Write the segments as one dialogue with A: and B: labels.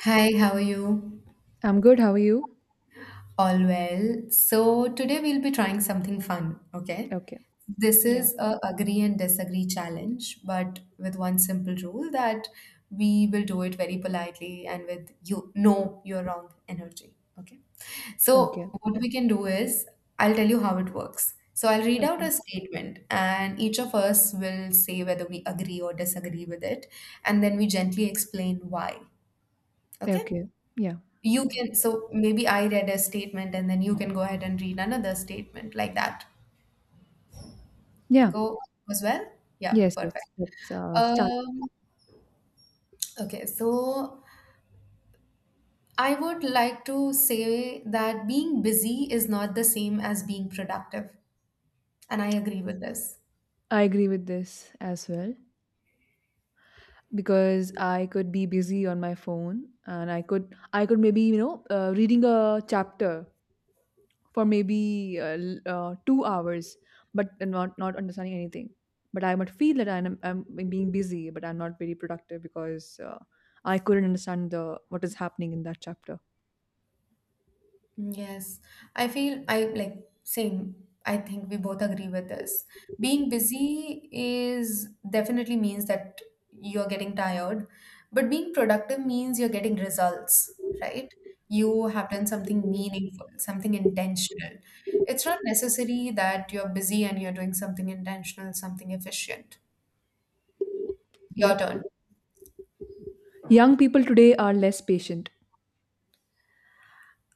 A: Hi, how are you?
B: I'm good. How are you?
A: All well. So today we'll be trying something fun, okay?
B: Okay.
A: This
B: Yeah.
A: is a agree and disagree challenge, but with one simple rule that we will do it very politely and with you no, you're wrong energy, okay? So
B: Okay.
A: what we can do is I'll tell you how it works. So I'll read
B: Okay.
A: out a statement and each of us will say whether we agree or disagree with it, and then we gently explain why, okay?
B: Okay. Yeah.
A: You can, so maybe I read a statement and then you can go ahead and read another statement like that.
B: Yeah.
A: Go as well? Yeah,
B: Yes. Yes.
A: perfect.
B: Let's start.
A: Um, okay, so I would like to say that being busy is not the same as being productive. And I agree with this.
B: I agree with this as well because I could be busy on my phone and I could maybe reading a chapter for maybe 2 hours, but not understanding anything. But I might feel that I'm being busy, but I'm not very productive because I couldn't understand the what is happening in that chapter.
A: Yes, I feel I like same. I think we both agree with this. Being busy is definitely means that you're getting tired, but being productive means you're getting results, right? You have done something meaningful, something intentional. It's not necessary that you're busy and you're doing something intentional, something efficient. Your
B: Yep.
A: turn.
B: Young people today are less patient.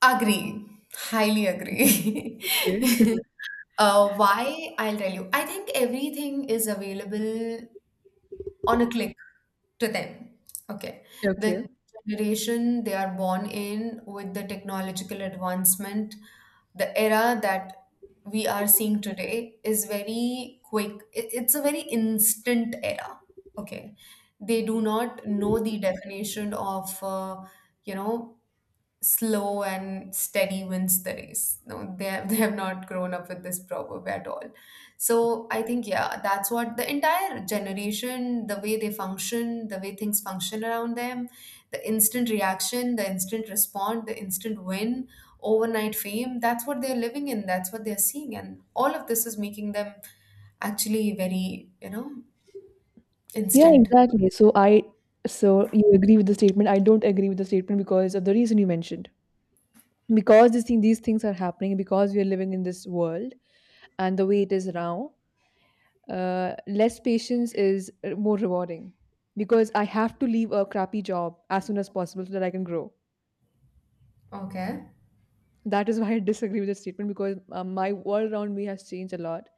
A: Agree. Highly agree.
B: Okay.
A: Why? I'll tell you. I think everything is available on a click to them. Okay.
B: Okay.
A: The generation they are born in with the technological advancement, the era that we are seeing today is very quick. It's a very instant era. Okay. They do not know the definition of, you know, slow and steady wins the race. No, they have, they have not grown up with this proverb at all. So I think, yeah, that's what the entire generation, the way they function, the way things function around them, the instant reaction, the instant response, the instant win, overnight fame, that's what they're living in, that's what they're seeing. And all of this is making them actually very
B: Yeah,
A: instant.
B: exactly. So you agree with the statement. I don't agree with the statement because of the reason you mentioned. Because this thing, these things are happening, because we are living in this world and the way it is now, less patience is more rewarding. Because I have to leave a crappy job as soon as possible so that I can grow.
A: Okay.
B: That is why I disagree with the statement because my world around me has changed a lot,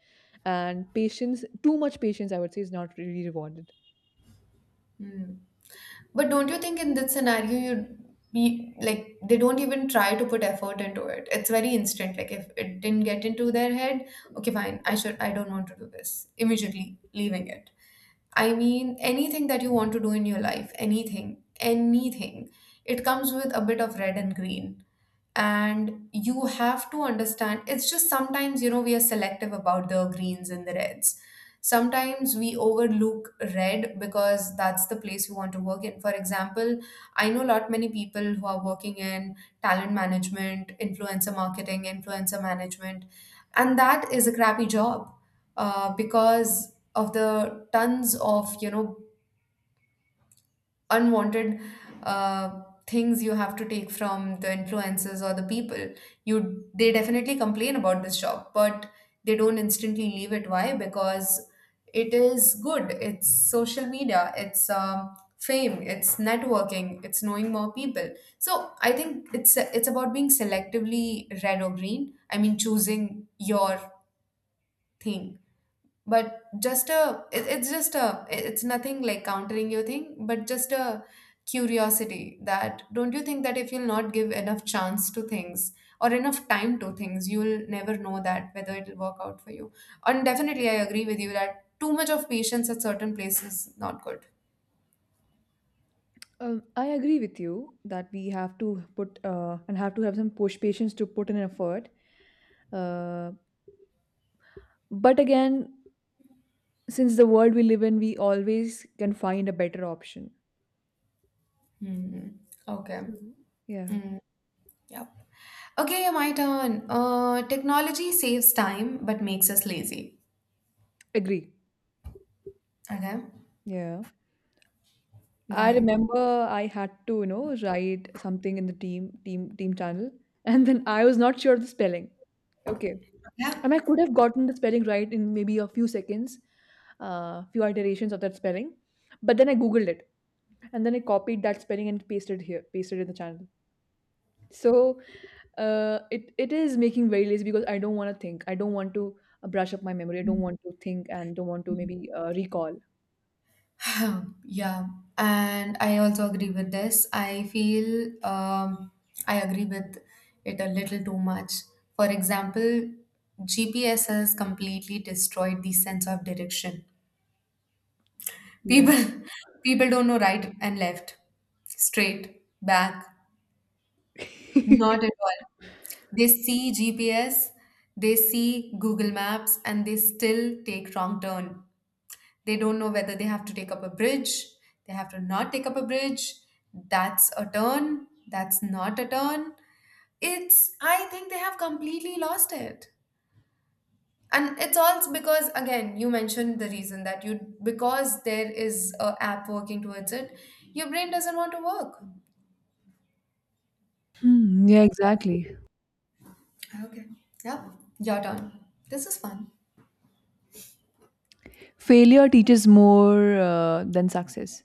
B: and patience, too much patience, I would say, is not really rewarded.
A: Hmm. But don't you think in this scenario you'd be like they don't even try to put effort into it. It's very instant. Like if it didn't get into their head, okay, fine. I don't want to do this. Immediately leaving it. I mean, anything that you want to do in your life, anything, anything, it comes with a bit of red and green. And you have to understand, it's just sometimes we are selective about the greens and the reds. Sometimes we overlook red because that's the place we want to work in. For example, I know a lot many people who are working in talent management, influencer marketing, influencer management, and that is a crappy job because of the tons of unwanted uh, things you have to take from the influencers or the people you they definitely complain about this job, but they don't instantly leave it. Why? Because it is good, it's social media, it's fame, it's networking, it's knowing more people. So I think it's about being selectively red or green. I mean, choosing your thing. But it's just a it's nothing like countering your thing, but just a curiosity that don't you think that if you'll not give enough chance to things or enough time to things, you'll never know that whether it'll work out for you. And definitely I agree with you that too much of patience at certain places is not good.
B: I agree with you that we have to put and have to have some push patience to put in an effort. Uh, but again, since the world we live in, we always can find a better option.
A: Hmm. Okay.
B: So
A: Mm.
B: yeah,
A: Yep. Okay. Yeah, my turn. Technology saves time but makes us lazy.
B: agree.
A: Okay.
B: Yeah, I
A: Bye.
B: remember I had to you know write something in the team channel, and then I was not sure of the spelling. Okay,
A: Yeah.
B: and I could have gotten the spelling right in maybe a few seconds, few iterations of that spelling, but then I googled it and then I copied that spelling and pasted here, pasted in the channel. So it is making very lazy because I don't want to think. I don't want to brush up my memory. I don't want to think and don't want to maybe recall.
A: Yeah, and I also agree with this. I feel I agree with it a little too much. For example, GPS has completely destroyed the sense of direction.
B: Yeah.
A: People, people don't know right and left, straight, back, not at all. They see GPS, they see Google Maps, and they still take wrong turn. They don't know whether they have to take up a bridge, they have to not take up a bridge, that's a turn, that's not a turn. It's, I think they have completely lost it. And it's all because, again, you mentioned the reason that you, because there is a app working towards it, your brain doesn't want to work.
B: Hmm, yeah, exactly.
A: Okay. Yeah, your turn. This is fun.
B: Failure teaches more than success.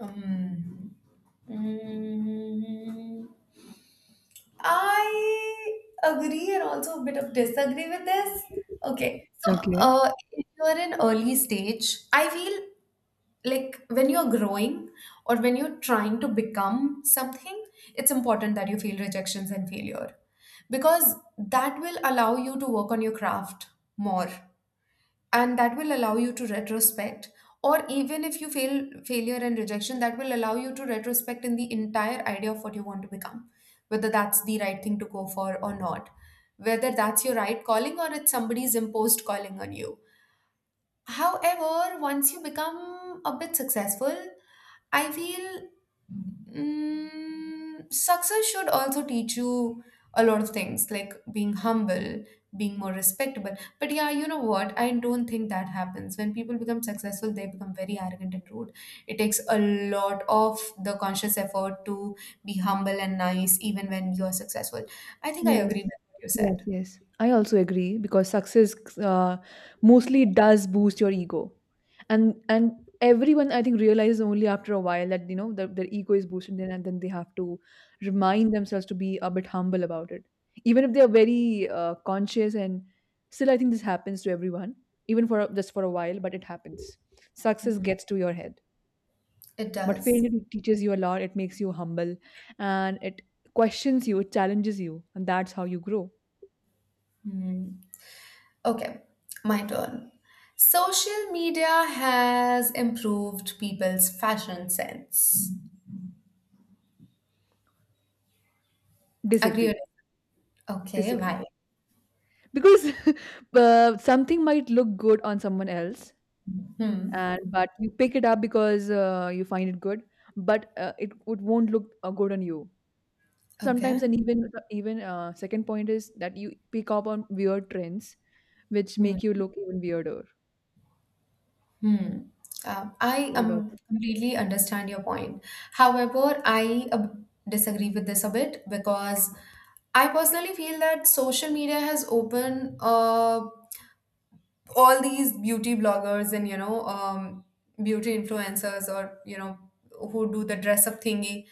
A: Um, mm, I agree and also a bit of disagree with this. Okay, so
B: Okay.
A: if you're in early stage, I feel like when you're growing or when you're trying to become something, it's important that you feel rejections and failure because that will allow you to work on your craft more, and that will allow you to retrospect, or even if you fail failure and rejection that will allow you to retrospect in the entire idea of what you want to become, whether that's the right thing to go for or not, whether that's your right calling or it's somebody's imposed calling on you. However, once you become a bit successful, I feel success should also teach you a lot of things like being humble, being more respectable. But yeah, you know what, I don't think that happens. When people become successful, they become very arrogant and rude. It takes a lot of the conscious effort to be humble and nice even when you're successful. I think I
B: Yes.
A: agree with what you
B: Yes,
A: said.
B: yes. I also agree because success mostly does boost your ego. And everyone I think realizes only after a while that you know their ego is boosted and then they have to remind themselves to be a bit humble about it. Even if they are very conscious and still I think this happens to everyone even for just for a while but it happens. Success
A: Hmm.
B: gets to your head.
A: It
B: But
A: does.
B: failure it teaches you a lot, it makes you humble and it questions you, it challenges you and that's how you grow.
A: Hmm. Okay, my turn. Social media has improved people's fashion sense. Agree
B: Disagree,
A: or. Okay,
B: disagree.
A: why?
B: Because something might look good on someone else,
A: Hmm.
B: and but you pick it up because you find it good, but it would won't look good on you. Sometimes,
A: Okay.
B: and even second point is that you pick up on weird trends, which
A: Hmm.
B: make you look even weirder.
A: Hmm. I
B: What about?
A: completely understand your point. However, I disagree with this a bit because I personally feel that social media has opened a all these beauty bloggers and beauty influencers or who do the dress up thingy.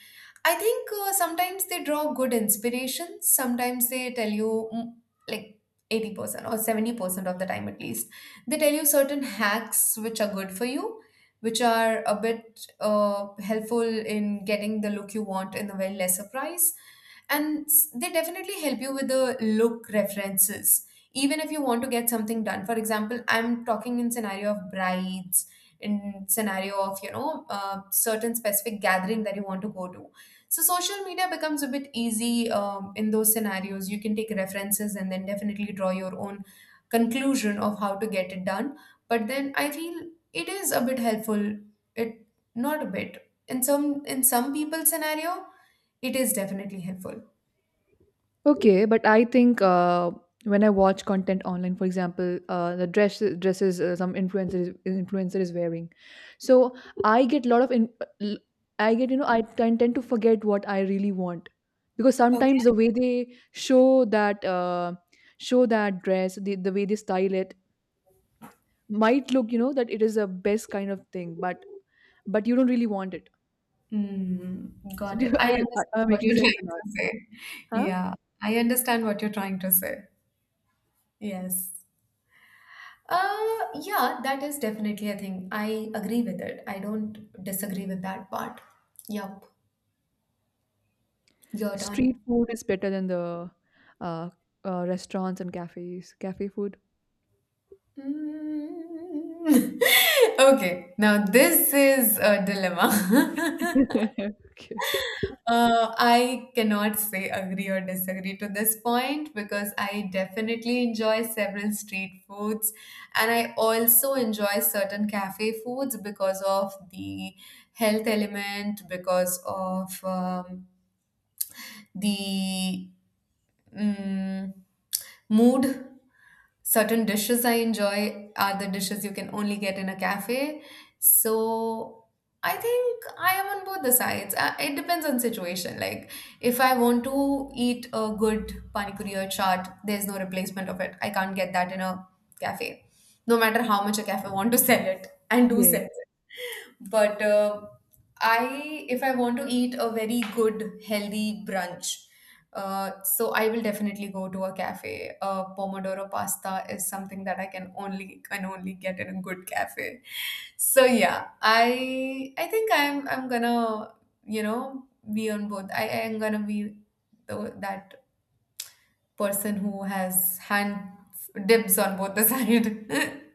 A: I think sometimes they draw good inspiration. Sometimes they tell you like 80% or 70% of the time at least they tell you certain hacks which are good for you, which are a bit helpful in getting the look you want in a very lesser price. And they definitely help you with the look references even if you want to get something done. For example, I'm talking in scenario of brides, in scenario of certain specific gathering that you want to go to. So social media becomes a bit easy in those scenarios. You can take references and then definitely draw your own conclusion of how to get it done. But then I feel it is a bit helpful. It not a bit in some people's scenario, it is definitely helpful.
B: Okay, but I think when I watch content online, for example, the dress dresses some influencer is wearing, so I get a lot of l- I get you know I tend to forget what I really want because sometimes the way they show that dress, the way they style it might look you know that it is the best kind of thing, but you don't really want it.
A: Mm,
B: So
A: got
B: do
A: it. I
B: I?
A: understand
B: Am I
A: what
B: making
A: you're
B: sense or
A: trying
B: not?
A: to say.
B: Huh?
A: Yeah, I understand what you're trying to say. Yes. Yeah, that is definitely a thing. I agree with it. I don't disagree with that part. Yup, you're done.
B: Street food is better than the uh, restaurants and cafes. Cafe food?
A: Mm. Okay, now this is a dilemma.
B: Okay.
A: I cannot say agree or disagree to this point because I definitely enjoy several street foods and I also enjoy certain cafe foods because of the health element, because of the mm, mood. Certain dishes I enjoy are the dishes you can only get in a cafe. So I think I am on both the sides. It depends on situation. Like if I want to eat a good pani puri or chaat, there's no replacement of it. I can't get that in a cafe, no matter how much a cafe want to sell it and do sell
B: Yes.
A: it. But I if I want to eat a very good healthy brunch. So I will definitely go to a cafe. Pomodoro pasta is something that I can only get in a good cafe. So yeah, I think I'm gonna, you know, be on both. I am gonna be that person who has hand dibs on both the side.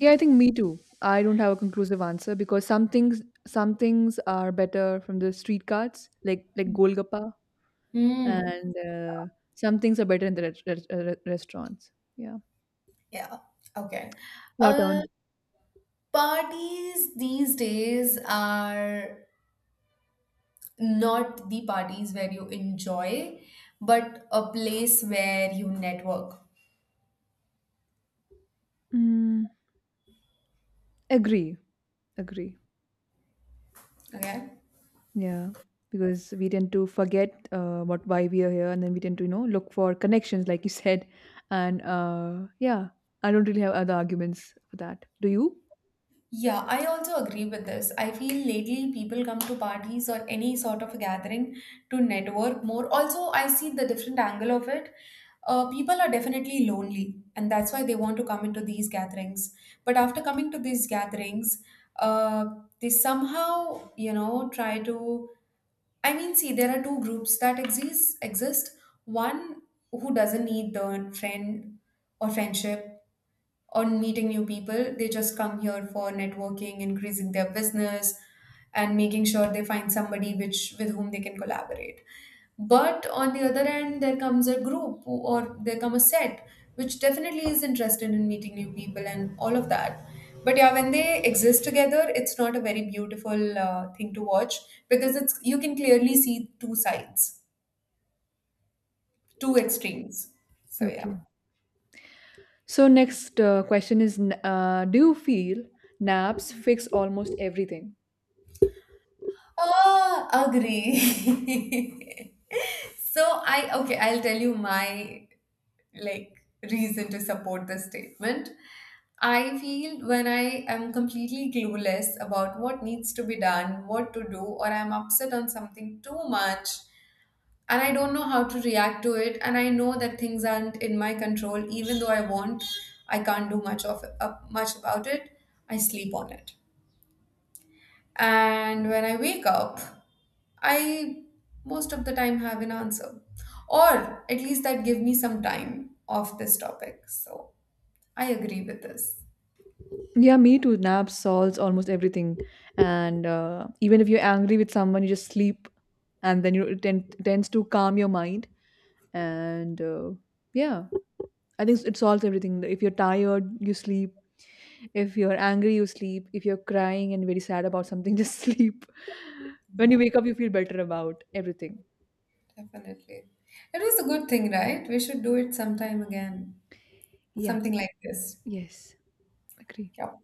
B: Yeah, I think me too. I don't have a conclusive answer because some things are better from the street carts, like Golgappa,
A: Hmm.
B: and some things are better in the restaurants. Yeah.
A: Yeah. Okay.
B: Your
A: uh
B: turn.
A: Parties these days are not the parties where you enjoy, but a place where you network.
B: Mm, agree. Agree.
A: Okay.
B: Yeah, because we tend to forget what why we are here, and then we tend to you know look for connections, like you said. And yeah, I don't really have other arguments for that. Do you?
A: Yeah, I also agree with this. I feel lately people come to parties or any sort of a gathering to network more. Also, I see the different angle of it. People are definitely lonely, and that's why they want to come into these gatherings. But after coming to these gatherings, uh, they somehow try to. I mean, see, there are two groups that exist. Exist one who doesn't need the friend or friendship, on meeting new people. They just come here for networking, increasing their business, and making sure they find somebody which with whom they can collaborate. But on the other end, there comes a group or there come a set which definitely is interested in meeting new people and all of that. But yeah, when they exist together, it's not a very beautiful thing to watch because it's you can clearly see two sides, two extremes. So yeah.
B: Okay. So next question is: do you feel naps fix almost everything?
A: Oh, agree. So I okay, I'll tell you my like reason to support this statement. I feel when I am completely clueless about what needs to be done, what to do, or I'm upset on something too much and I don't know how to react to it, and I know that things aren't in my control, even though I want, I can't do much about it. I sleep on it. And when I wake up, I most of the time have an answer, or at least that give me some time off this topic. So I agree with this.
B: Yeah, me too. Naps solves almost everything, and even if you're angry with someone, you just sleep, and then you it tends to calm your mind. And yeah, I think it solves everything. If you're tired, you sleep. If you're angry, you sleep. If you're crying and very sad about something, just sleep.
A: Yeah,
B: When you wake up, you feel better about everything.
A: definitely. It was a good thing, right? We should do it sometime again.
B: Yeah.
A: Something like this.
B: Yes. Agree.
A: Yep.